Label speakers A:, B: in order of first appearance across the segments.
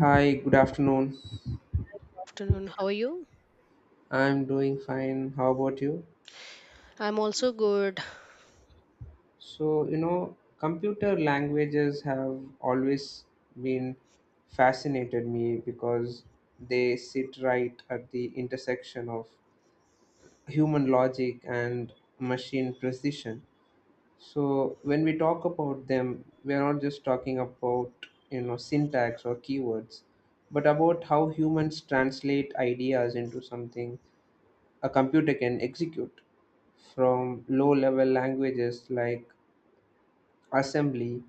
A: Hi, good afternoon.
B: Afternoon. How are you?
A: I'm doing fine. How about you?
B: I'm also good.
A: Computer languages have always been fascinated me because they sit right at the intersection of human logic and machine precision. So, when we talk about them, we are not just talking about, syntax or keywords, but about how humans translate ideas into something a computer can execute, from low level languages like assembly,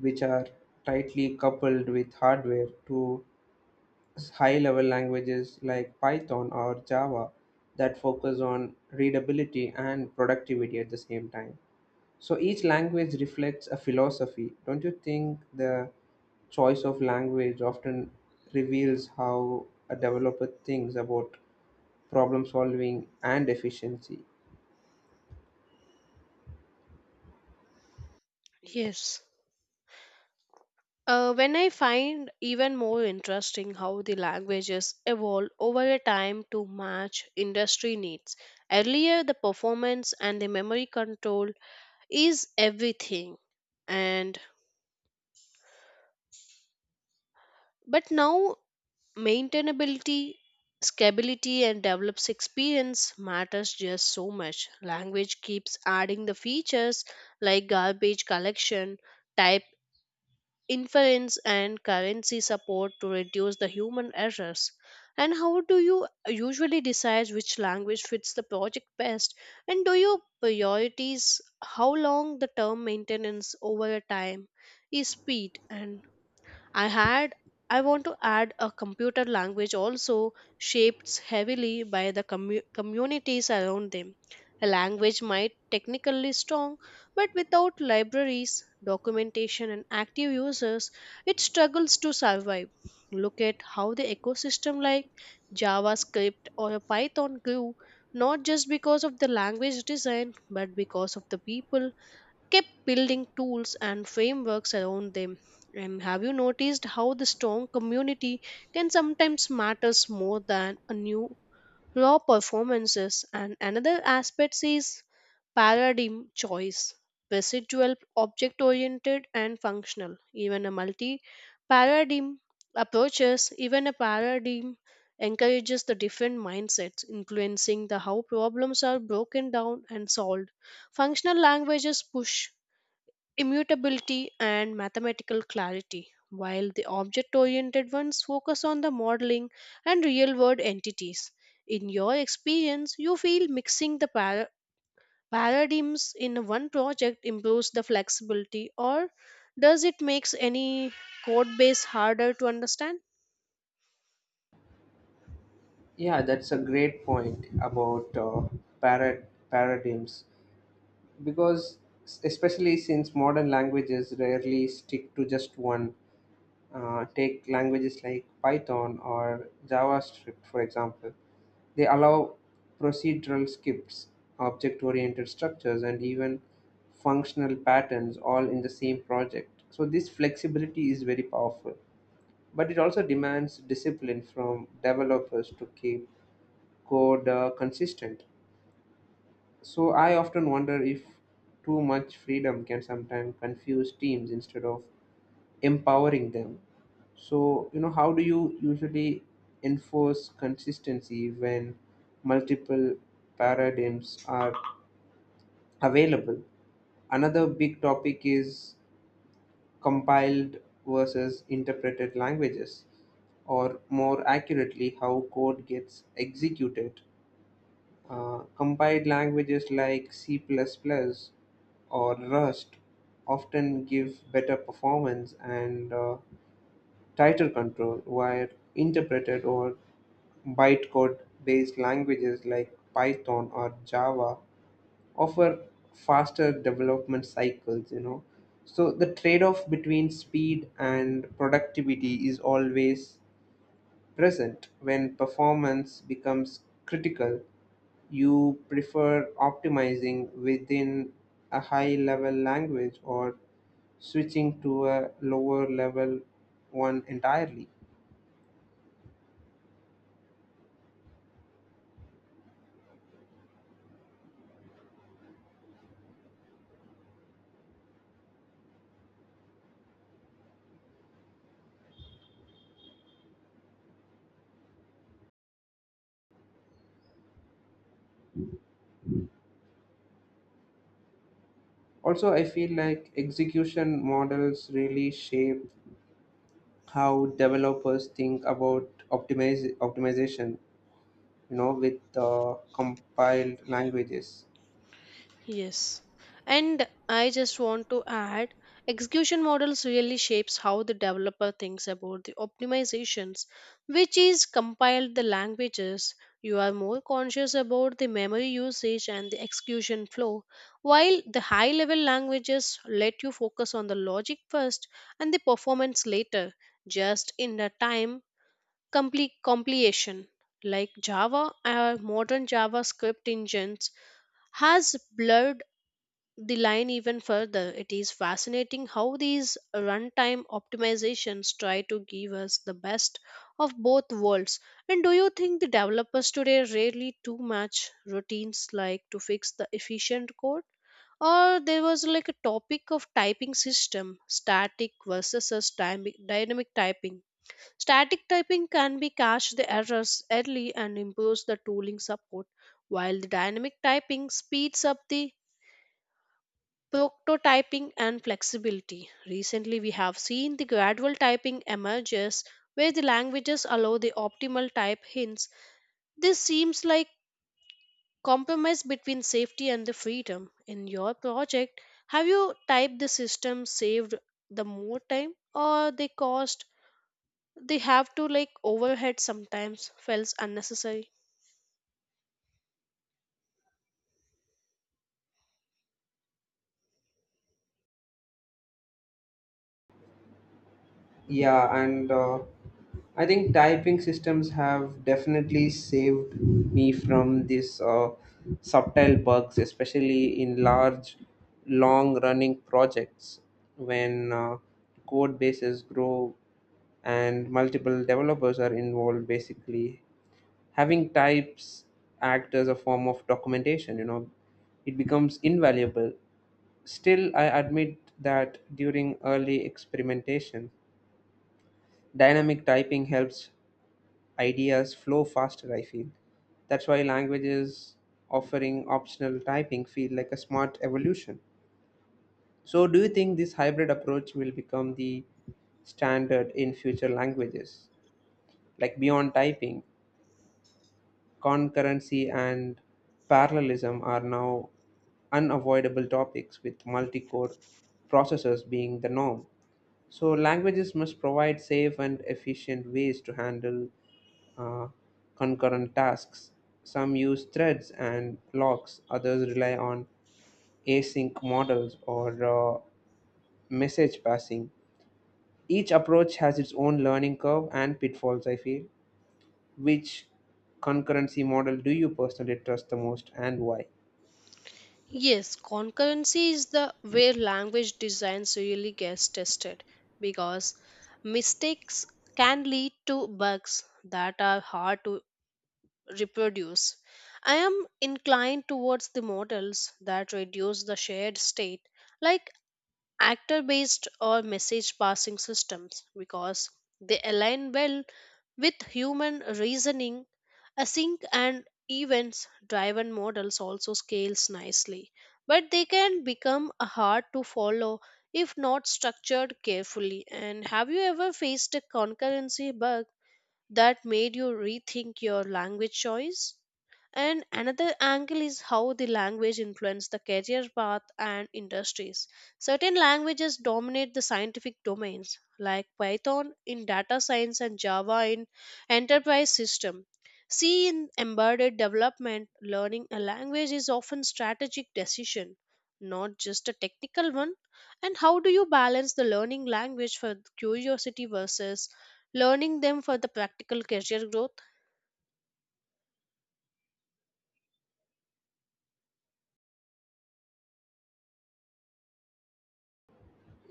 A: which are tightly coupled with hardware, to high level languages like Python or Java that focus on readability and productivity at the same time. So each language reflects a philosophy. Don't you think the choice of language often reveals how a developer thinks about problem solving and efficiency?
B: Yes. When I find even more interesting how the languages evolve over a time to match industry needs. Earlier, the performance and the memory control is everything, and but now maintainability, scalability, and develops experience matters just so much. Language keeps adding the features like garbage collection, type inference and currency support to reduce the human errors and how do you usually decide which language fits the project best and do you priorities how long the term maintenance over a time is speed and I had I want to add a computer language also shaped heavily by the communities around them. A language might technically strong, but without libraries, documentation and active users, it struggles to survive. Look at how the ecosystem like JavaScript or a Python grew not just because of the language design but because of the people kept building tools and frameworks around them. And have you noticed how the strong community can sometimes matters more than a new raw performances? And another aspect is paradigm choice, procedural, object oriented, and functional. Even a multi paradigm approaches, even a paradigm encourages the different mindsets, influencing the how problems are broken down and solved. Functional languages push immutability and mathematical clarity, while the object oriented ones focus on the modeling and real world entities. In your experience, you feel mixing the paradigms in one project improves the flexibility, or does it makes any code base harder to understand?
A: Yeah, that's a great point about parad- paradigms, because especially since modern languages rarely stick to just one, take languages like Python or JavaScript, for example. They allow procedural skips, object oriented structures, and even functional patterns all in the same project. So, this flexibility is very powerful, but it also demands discipline from developers to keep code consistent. So I often wonder if too much freedom can sometimes confuse teams instead of empowering them. So, how do you usually enforce consistency when multiple paradigms are available? Another big topic is compiled versus interpreted languages, or more accurately, how code gets executed. Compiled languages like C++ plus, plus or Rust often give better performance and tighter control, while interpreted or bytecode based languages like Python or Java offer faster development cycles, So the trade off between speed and productivity is always present. When performance becomes critical, you prefer optimizing within a high level language or switching to a lower level one entirely? Also, I feel like execution models really shape how developers think about optimization, with compiled languages.
B: Yes. And I just want to add execution models really shapes how the developer thinks about the optimizations, which is compiled the languages. You are more conscious about the memory usage and the execution flow, while the high level languages let you focus on the logic first and the performance later, just in the time complete compilation. Like Java or modern JavaScript engines has blurred the line even further. It is fascinating how these runtime optimizations try to give us the best of both worlds. And do you think the developers today rarely too much routines like to fix the efficient code? Or there was like a topic of typing system, static versus a dynamic typing. Static typing can be catch the errors early and improves the tooling support, while the dynamic typing speeds up the prototyping and flexibility. Recently, we have seen the gradual typing emerges where the languages allow the optimal type hints. This seems like compromise between safety and the freedom. In your project, have you typed the system saved the more time or the cost they have to like overhead sometimes feels unnecessary?
A: Yeah, and I think typing systems have definitely saved me from these subtle bugs, especially in large, long running projects when code bases grow and multiple developers are involved. Basically, having types act as a form of documentation, it becomes invaluable. Still, I admit that during early experimentation, dynamic typing helps ideas flow faster, I feel. That's why languages offering optional typing feel like a smart evolution. So do you think this hybrid approach will become the standard in future languages? Like beyond typing, concurrency and parallelism are now unavoidable topics, with multi-core processors being the norm. So languages must provide safe and efficient ways to handle uh, concurrent tasks. Some use threads and locks, others rely on async models or message passing. Each approach has its own learning curve and pitfalls, I feel. Which concurrency model do you personally trust the most and why?
B: Yes, concurrency is the where language designs really gets tested because mistakes can lead to bugs that are hard to reproduce. I am inclined towards the models that reduce the shared state like actor based or message passing systems because they align well with human reasoning, async and events driven models also scales nicely, but they can become hard to follow if not structured carefully. And have you ever faced a concurrency bug that made you rethink your language choice? And another angle is how the language influence the career path and industries. Certain languages dominate the scientific domains, like Python in data science and Java in enterprise system. C in embedded development, learning a language is often strategic decision, not just a technical one. And how do you balance the learning language for curiosity versus learning them for the practical career growth?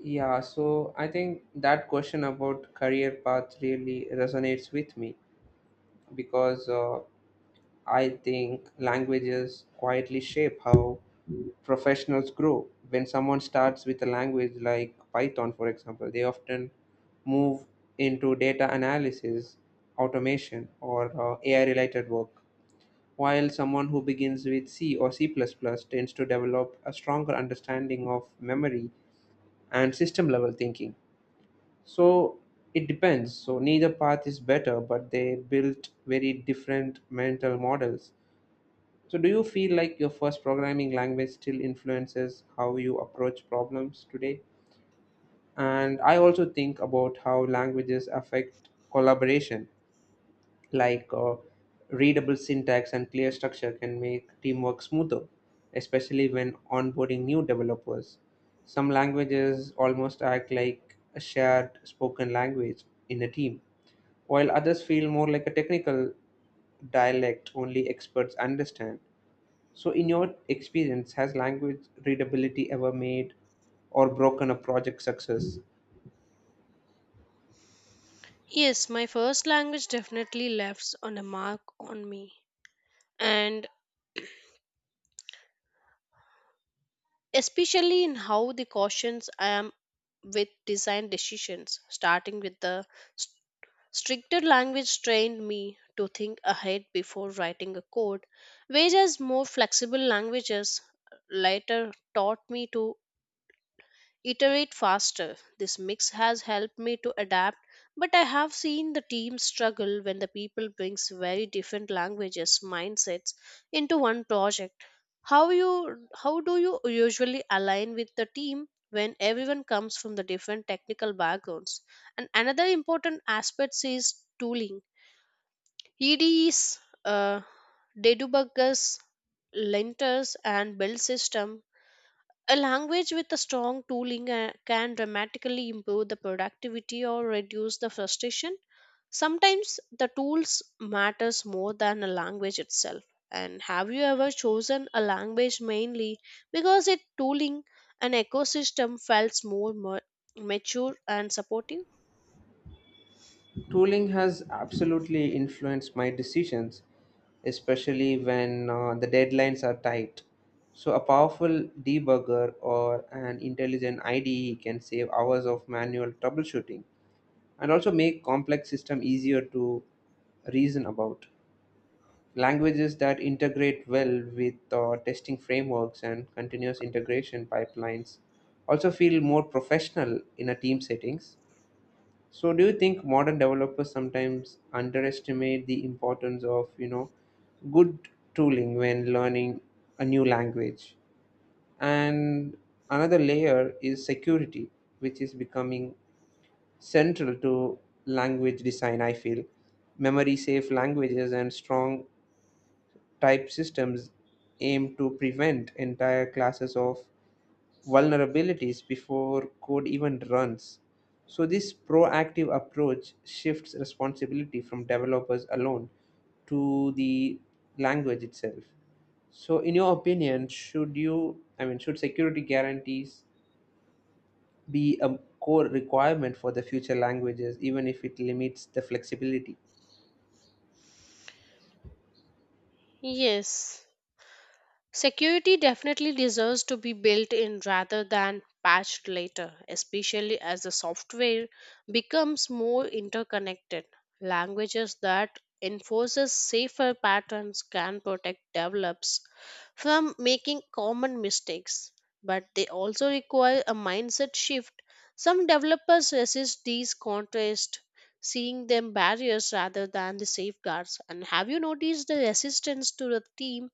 A: Yeah, so I think that question about career path really resonates with me, because I think languages quietly shape how professionals grow. When someone starts with a language like Python, for example, they often move into data analysis, automation, or AI related work, while someone who begins with C or C plus plus tends to develop a stronger understanding of memory and system level thinking. So it depends. So neither path is better, but they built very different mental models. So, do you feel like your first programming language still influences how you approach problems today? And I also think about how languages affect collaboration, like readable syntax and clear structure can make teamwork smoother, especially when onboarding new developers. Some languages almost act like a shared spoken language in a team, while others feel more like a technical dialect only experts understand. So, in your experience, has language readability ever made or broken a project success?
B: Yes, my first language definitely left on a mark on me, and especially in how the cautions I am with design decisions, starting with the s- stricter language trained me to think ahead before writing a code, whereas more flexible languages later taught me to iterate faster. This mix has helped me to adapt, but I have seen the team struggle when the people brings very different languages mindsets into one project. How you how do you usually align with the team when everyone comes from the different technical backgrounds? And another important aspect is tooling. IDEs, uh, debuggers, linters, and build system a language with a strong tooling can dramatically improve the productivity or reduce the frustration. Sometimes the tools matters more than a language itself. And have you ever chosen a language mainly because its tooling and ecosystem felt more mature and supportive?
A: Tooling has absolutely influenced my decisions, especially when the deadlines are tight. So, a powerful debugger or an intelligent IDE can save hours of manual troubleshooting and also make complex system easier to reason about. Languages that integrate well with testing frameworks and continuous integration pipelines also feel more professional in a team settings. So, do you think modern developers sometimes underestimate the importance of good tooling when learning a new language? And another layer is security, which is becoming central to language design. I feel memory safe languages and strong type systems aim to prevent entire classes of vulnerabilities before code even runs. So, this proactive approach shifts responsibility from developers alone to the language itself. So, in your opinion, should you, I mean, should security guarantees be a core requirement for the future languages, even if it limits the flexibility?
B: Yes. Security definitely deserves to be built in rather than patched later, especially as the software becomes more interconnected. Languages that enforces safer patterns can protect developers from making common mistakes, but they also require a mindset shift. Some developers resist these contrasts, seeing them barriers rather than the safeguards. And have you noticed the resistance to the team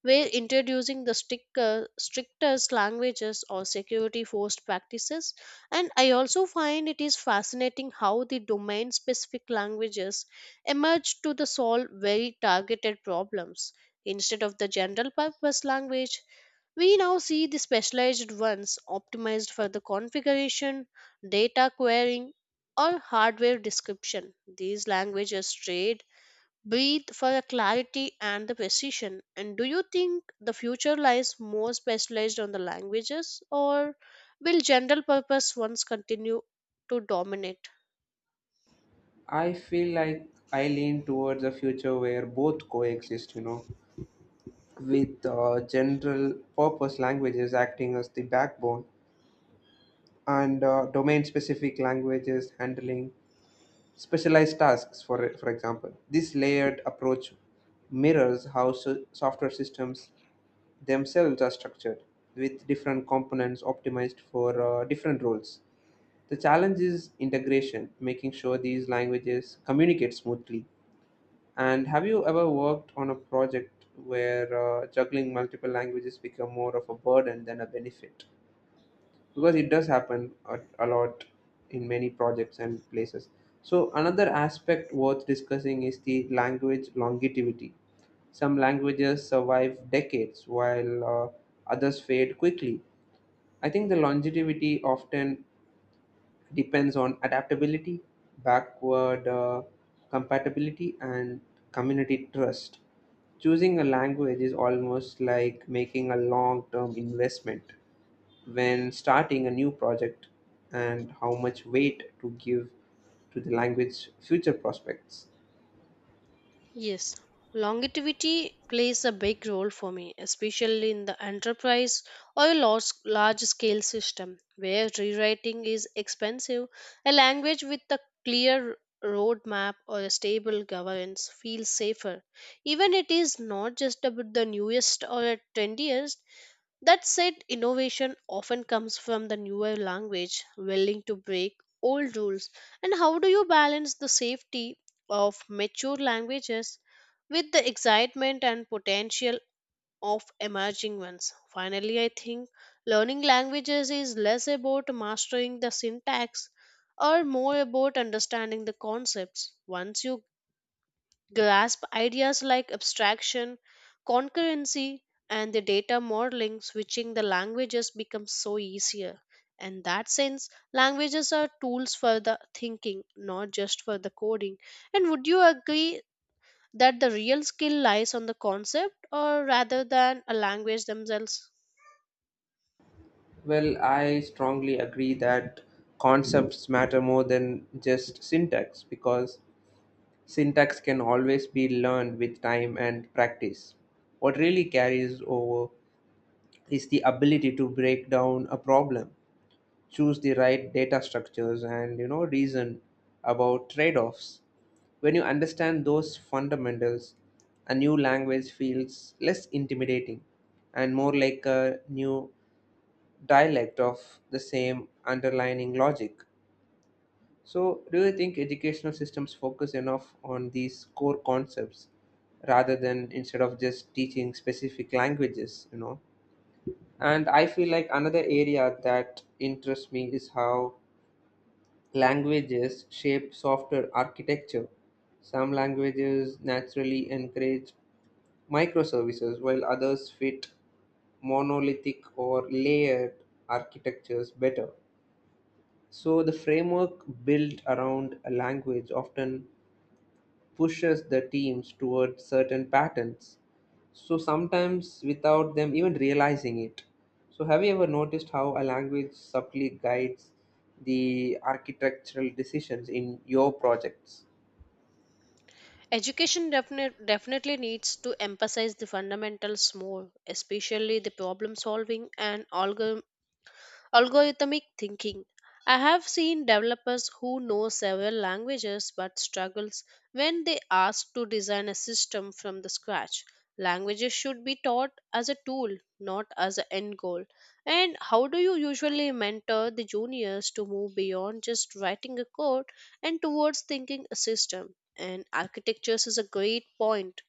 B: where introducing the strict, strictest languages or security forced practices. And I also find it is fascinating how the domain specific languages emerge to the solve very targeted problems. Instead of the general purpose language, we now see the specialized ones optimized for the configuration, data querying, or hardware description. These languages trade breathe for a clarity and the precision. And do you think the future lies more specialized on the languages, or will general purpose ones continue to dominate?
A: I feel like I lean towards a future where both coexist, with general purpose languages acting as the backbone and domain specific languages handling specialized tasks. For example, this layered approach mirrors how software systems themselves are structured, with different components optimized for different roles. The challenge is integration, making sure these languages communicate smoothly. And have you ever worked on a project where juggling multiple languages become more of a burden than a benefit? Because it does happen a lot in many projects and places. So another aspect worth discussing is the language longevity. Some languages survive decades while others fade quickly. I think the longevity often depends on adaptability, backward compatibility, and community trust. Choosing a language is almost like making a long term investment when starting a new project, and how much weight to give to the language future prospects.
B: Yes, longevity plays a big role for me, especially in the enterprise or a large scale system where rewriting is expensive. A language with a clear roadmap or a stable governance feels safer. Even it is not just about the newest or trendiest, that said, innovation often comes from the newer language, willing to break old rules. And how do you balance the safety of mature languages with the excitement and potential of emerging ones? Finally, I think learning languages is less about mastering the syntax or more about understanding the concepts. Once you grasp ideas like abstraction, concurrency, and the data modeling, switching the languages becomes so easier. In that sense, languages are tools for the thinking, not just for the coding. And would you agree that the real skill lies on the concept or rather than a language themselves?
A: Well, I strongly agree that concepts matter more than just syntax, because syntax can always be learned with time and practice. What really carries over is the ability to break down a problem, choose the right data structures, and reason about trade-offs. When you understand those fundamentals, a new language feels less intimidating and more like a new dialect of the same underlying logic. So, do you think educational systems focus enough on these core concepts rather than instead of just teaching specific languages, And I feel like another area that interests me is how languages shape software architecture. Some languages naturally encourage microservices while others fit monolithic or layered architectures better. So the framework built around a language often pushes the teams toward certain patterns, So sometimes without them even realizing it. So have you ever noticed how a language subtly guides the architectural decisions in your projects?
B: Definitely needs to emphasize the fundamentals more, especially the problem solving and algorithmic thinking. I have seen developers who know several languages but struggles when they ask to design a system from the scratch. Languages should be taught as a tool, not as an end goal. And how do you usually mentor the juniors to move beyond just writing a code and towards thinking a system? And architectures is a great point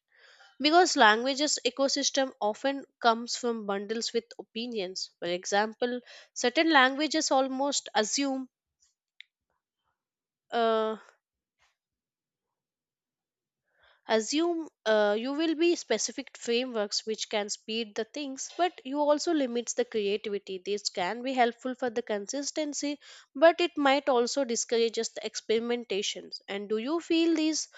B: because languages ecosystem often comes from bundles with opinions. For example, certain languages almost uh, assume you will be specific frameworks which can speed the things, but you also limits the creativity. This can be helpful for the consistency, but it might also discourages the experimentations. And do you feel these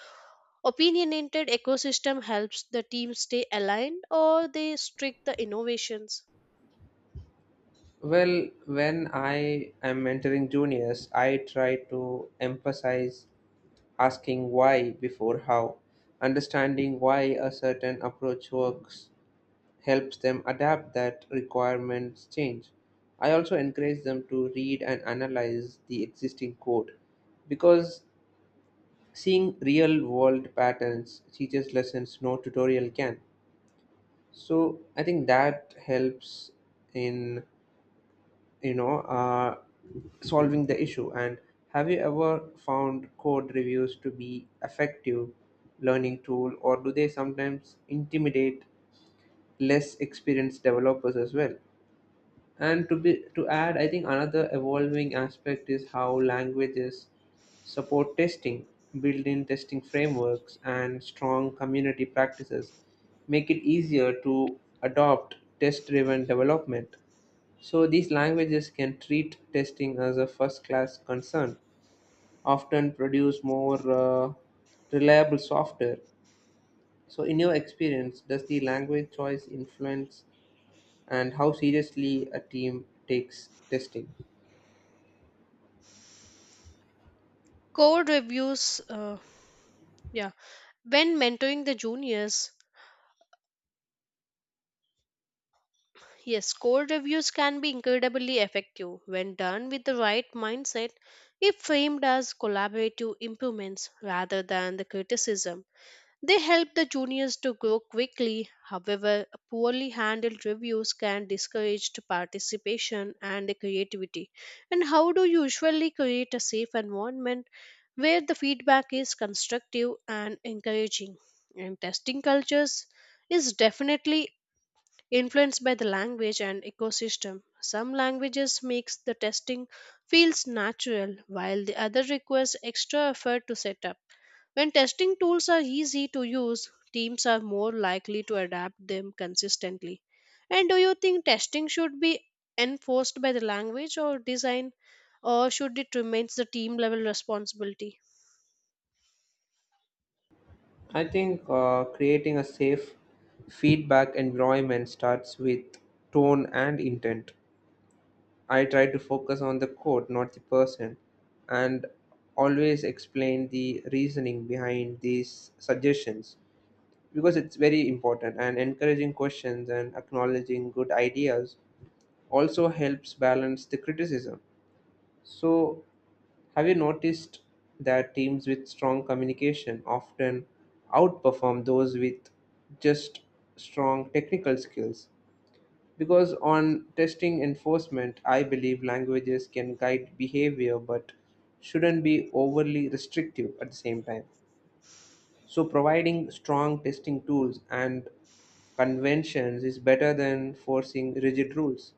B: opinionated ecosystem helps the team stay aligned or they strict the innovations?
A: Well, when I am mentoring juniors, I try to emphasize asking why before how. Understanding why a certain approach works helps them adapt that requirements change. I also encourage them to read and analyze the existing code, because seeing real world patterns teaches lessons no tutorial can. So I think that helps in you know uh, solving the issue. And have you ever found code reviews to be effective learning tool, or do they sometimes intimidate less experienced developers as well? And to be to add, I think another evolving aspect is how languages support testing. Built-in testing frameworks and strong community practices make it easier to adopt test-driven development. So these languages can treat testing as a first-class concern, often produce more reliable software. So, in your experience, does the language choice influence and how seriously a team takes testing?
B: Code reviews, uh, yeah, when mentoring the juniors, yes, code reviews can be incredibly effective when done with the right mindset if framed as collaborative improvements rather than the criticism. They help the juniors to grow quickly. However, poorly handled reviews can discourage the participation and the creativity. And how do you usually create a safe environment where the feedback is constructive and encouraging? And testing cultures is definitely influenced by the language and ecosystem. Some languages makes the testing feels natural while the other requires extra effort to set up when testing tools are easy to use, teams are more likely to adapt them consistently. And do you think testing should be enforced by the language or design, or should it remain the team level responsibility?
A: I think creating a safe feedback environment starts with tone and intent. I try to focus on the quote, not the person, and always explain the reasoning behind these suggestions because it's very important. And encouraging questions and acknowledging good ideas also helps balance the criticism. So have you noticed that teams with strong communication often outperform those with just strong technical skills? Because on testing enforcement, I believe languages can guide behavior but shouldn't be overly restrictive at the same time. So, providing strong testing tools and conventions is better than forcing rigid rules.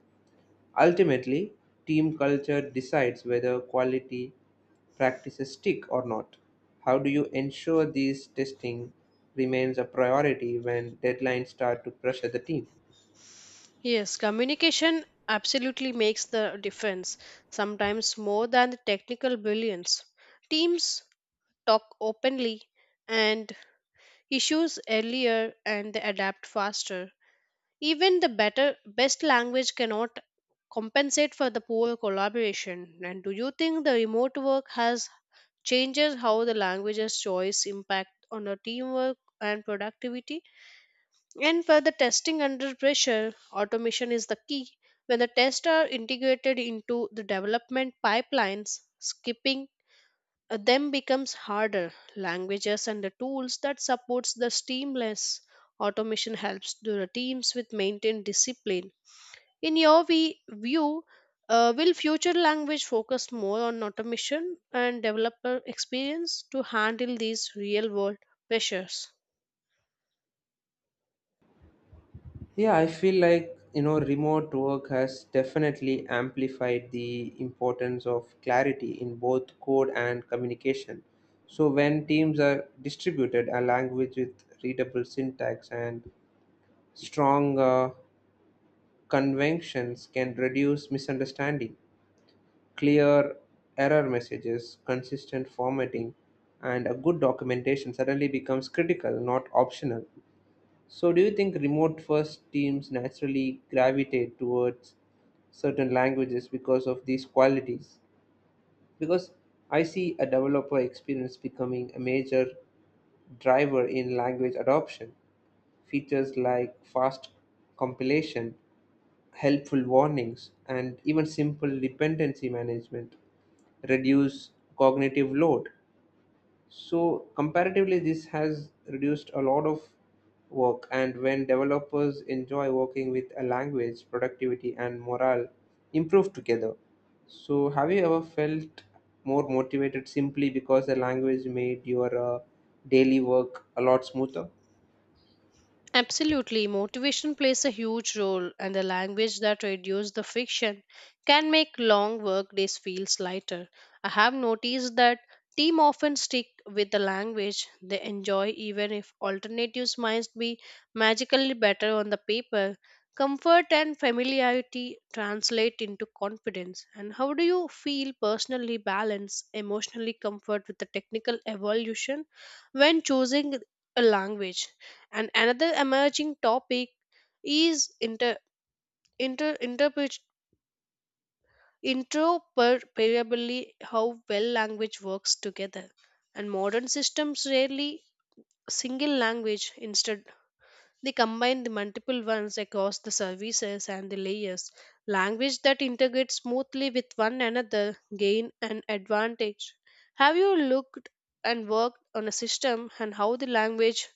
A: Ultimately, team culture decides whether quality practices stick or not. How do you ensure these testing remains a priority when deadlines start to pressure the team?
B: Yes, communication absolutely makes the difference, sometimes more than the technical brilliance. Teams talk openly and issues earlier and they adapt faster. Even the better best language cannot compensate for the poor collaboration. And do you think the remote work has changes how the languages choice impact on the teamwork and productivity? And for the testing under pressure, automation is the key. When the tests are integrated into the development pipelines, skipping them becomes harder. Languages and the tools that supports the seamless automation helps the teams with maintain discipline in your view, will future language focus more on automation and developer experience to handle these real world pressures?
A: Yeah, I feel like remote work has definitely amplified the importance of clarity in both code and communication. So when teams are distributed, a language with readable syntax and strong conventions can reduce misunderstanding. Clear error messages, consistent formatting, and a good documentation suddenly becomes critical, not optional. So, do you think remote first teams naturally gravitate towards certain languages because of these qualities? Because I see a developer experience becoming a major driver in language adoption. Features like fast compilation, helpful warnings, and even simple dependency management reduce cognitive load. So, comparatively, this has reduced a lot of work. And when developers enjoy working with a language, productivity and morale improve together. So, have you ever felt more motivated simply because the language made your daily work a lot smoother?
B: Absolutely, motivation plays a huge role, and the language that reduces the fiction can make long work days feel lighter. I have noticed that team often stick with the language they enjoy, even if alternatives might be magically better on the paper. Comfort and familiarity translate into confidence. And how do you feel personally balance emotionally comfort with the technical evolution when choosing a language? And another emerging topic is inter, interpret, interoperability, how well language works together. And modern systems rarely single language instead they combine the multiple ones across the services and the layers language that integrate smoothly with one another gain an advantage have you looked and worked on a system and how the language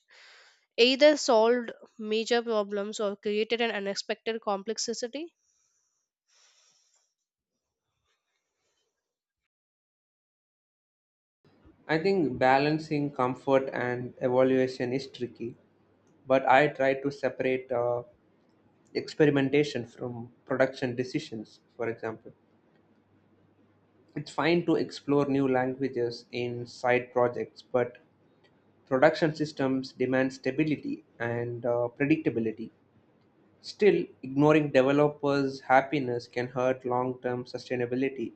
B: either solved major problems or created an unexpected complexity.
A: I think balancing comfort and evaluation is tricky, but I try to separate experimentation from production decisions. For example, it's fine to explore new languages in side projects, but production systems demand stability and predictability. Still, ignoring developers happiness can hurt long term sustainability.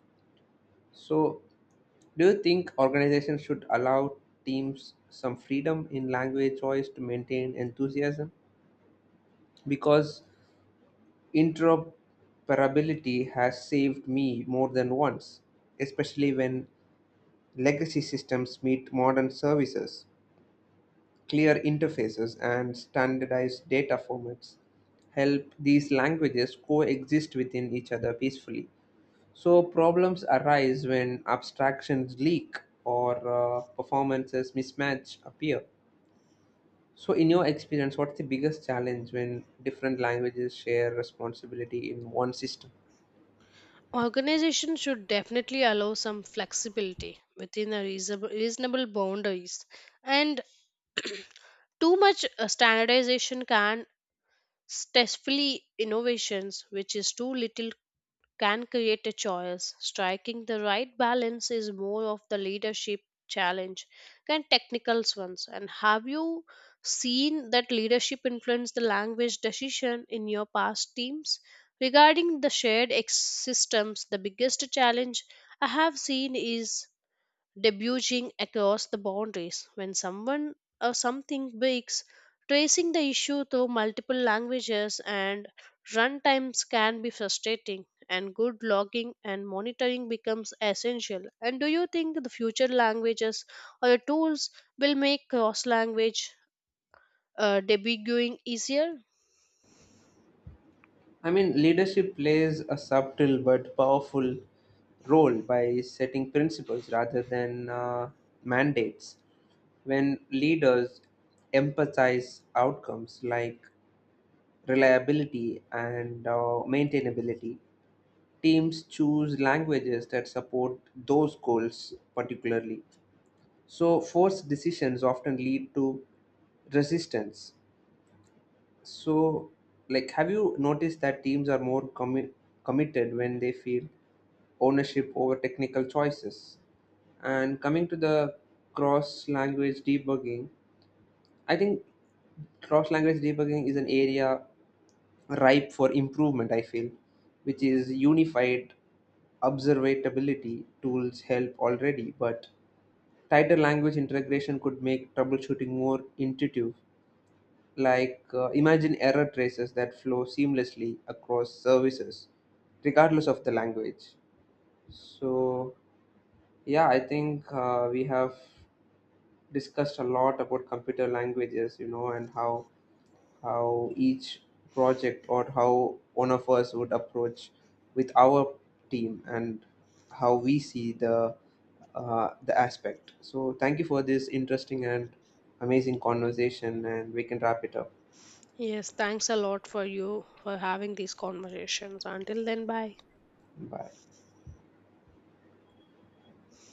A: So, do you think organizations should allow teams some freedom in language choice to maintain enthusiasm? Because interoperability has saved me more than once, especially when legacy systems meet modern services. Clear interfaces and standardized data formats help these languages coexist within each other peacefully. So, problems arise when abstractions leak or performances mismatch appear. So, in your experience, what's the biggest challenge when different languages share responsibility in one system?
B: Organizations should definitely allow some flexibility within a reasonable boundaries, and too much standardization can stifle innovations, which is too little can create a choice. Striking the right balance is more of the leadership challenge than technical ones. And have you seen that leadership influence the language decision in your past teams? Regarding the shared systems, the biggest challenge I have seen is debuting across the boundaries. When someone or something breaks, tracing the issue through multiple languages and runtimes can be frustrating, and good logging and monitoring becomes essential. And do you think the future languages or tools will make cross language debugging easier?
A: I mean, leadership plays a subtle but powerful role by setting principles rather than mandates. When leaders emphasize outcomes like reliability and maintainability, teams choose languages that support those goals particularly. So, forced decisions often lead to resistance. So, like, have you noticed that teams are more committed when they feel ownership over technical choices? And coming to the cross language debugging, I think cross language debugging is an area ripe for improvement, I feel, which is unified observability tools help already, but tighter language integration could make troubleshooting more intuitive. Like, imagine error traces that flow seamlessly across services, regardless of the language. So, yeah, I think we have discussed a lot about computer languages, and how each project or how one of us would approach with our team and how we see the aspect. So thank you for this interesting and amazing conversation, and we can wrap it up.
B: Yes, thanks a lot for you for having these conversations. Until then, bye.
A: Bye.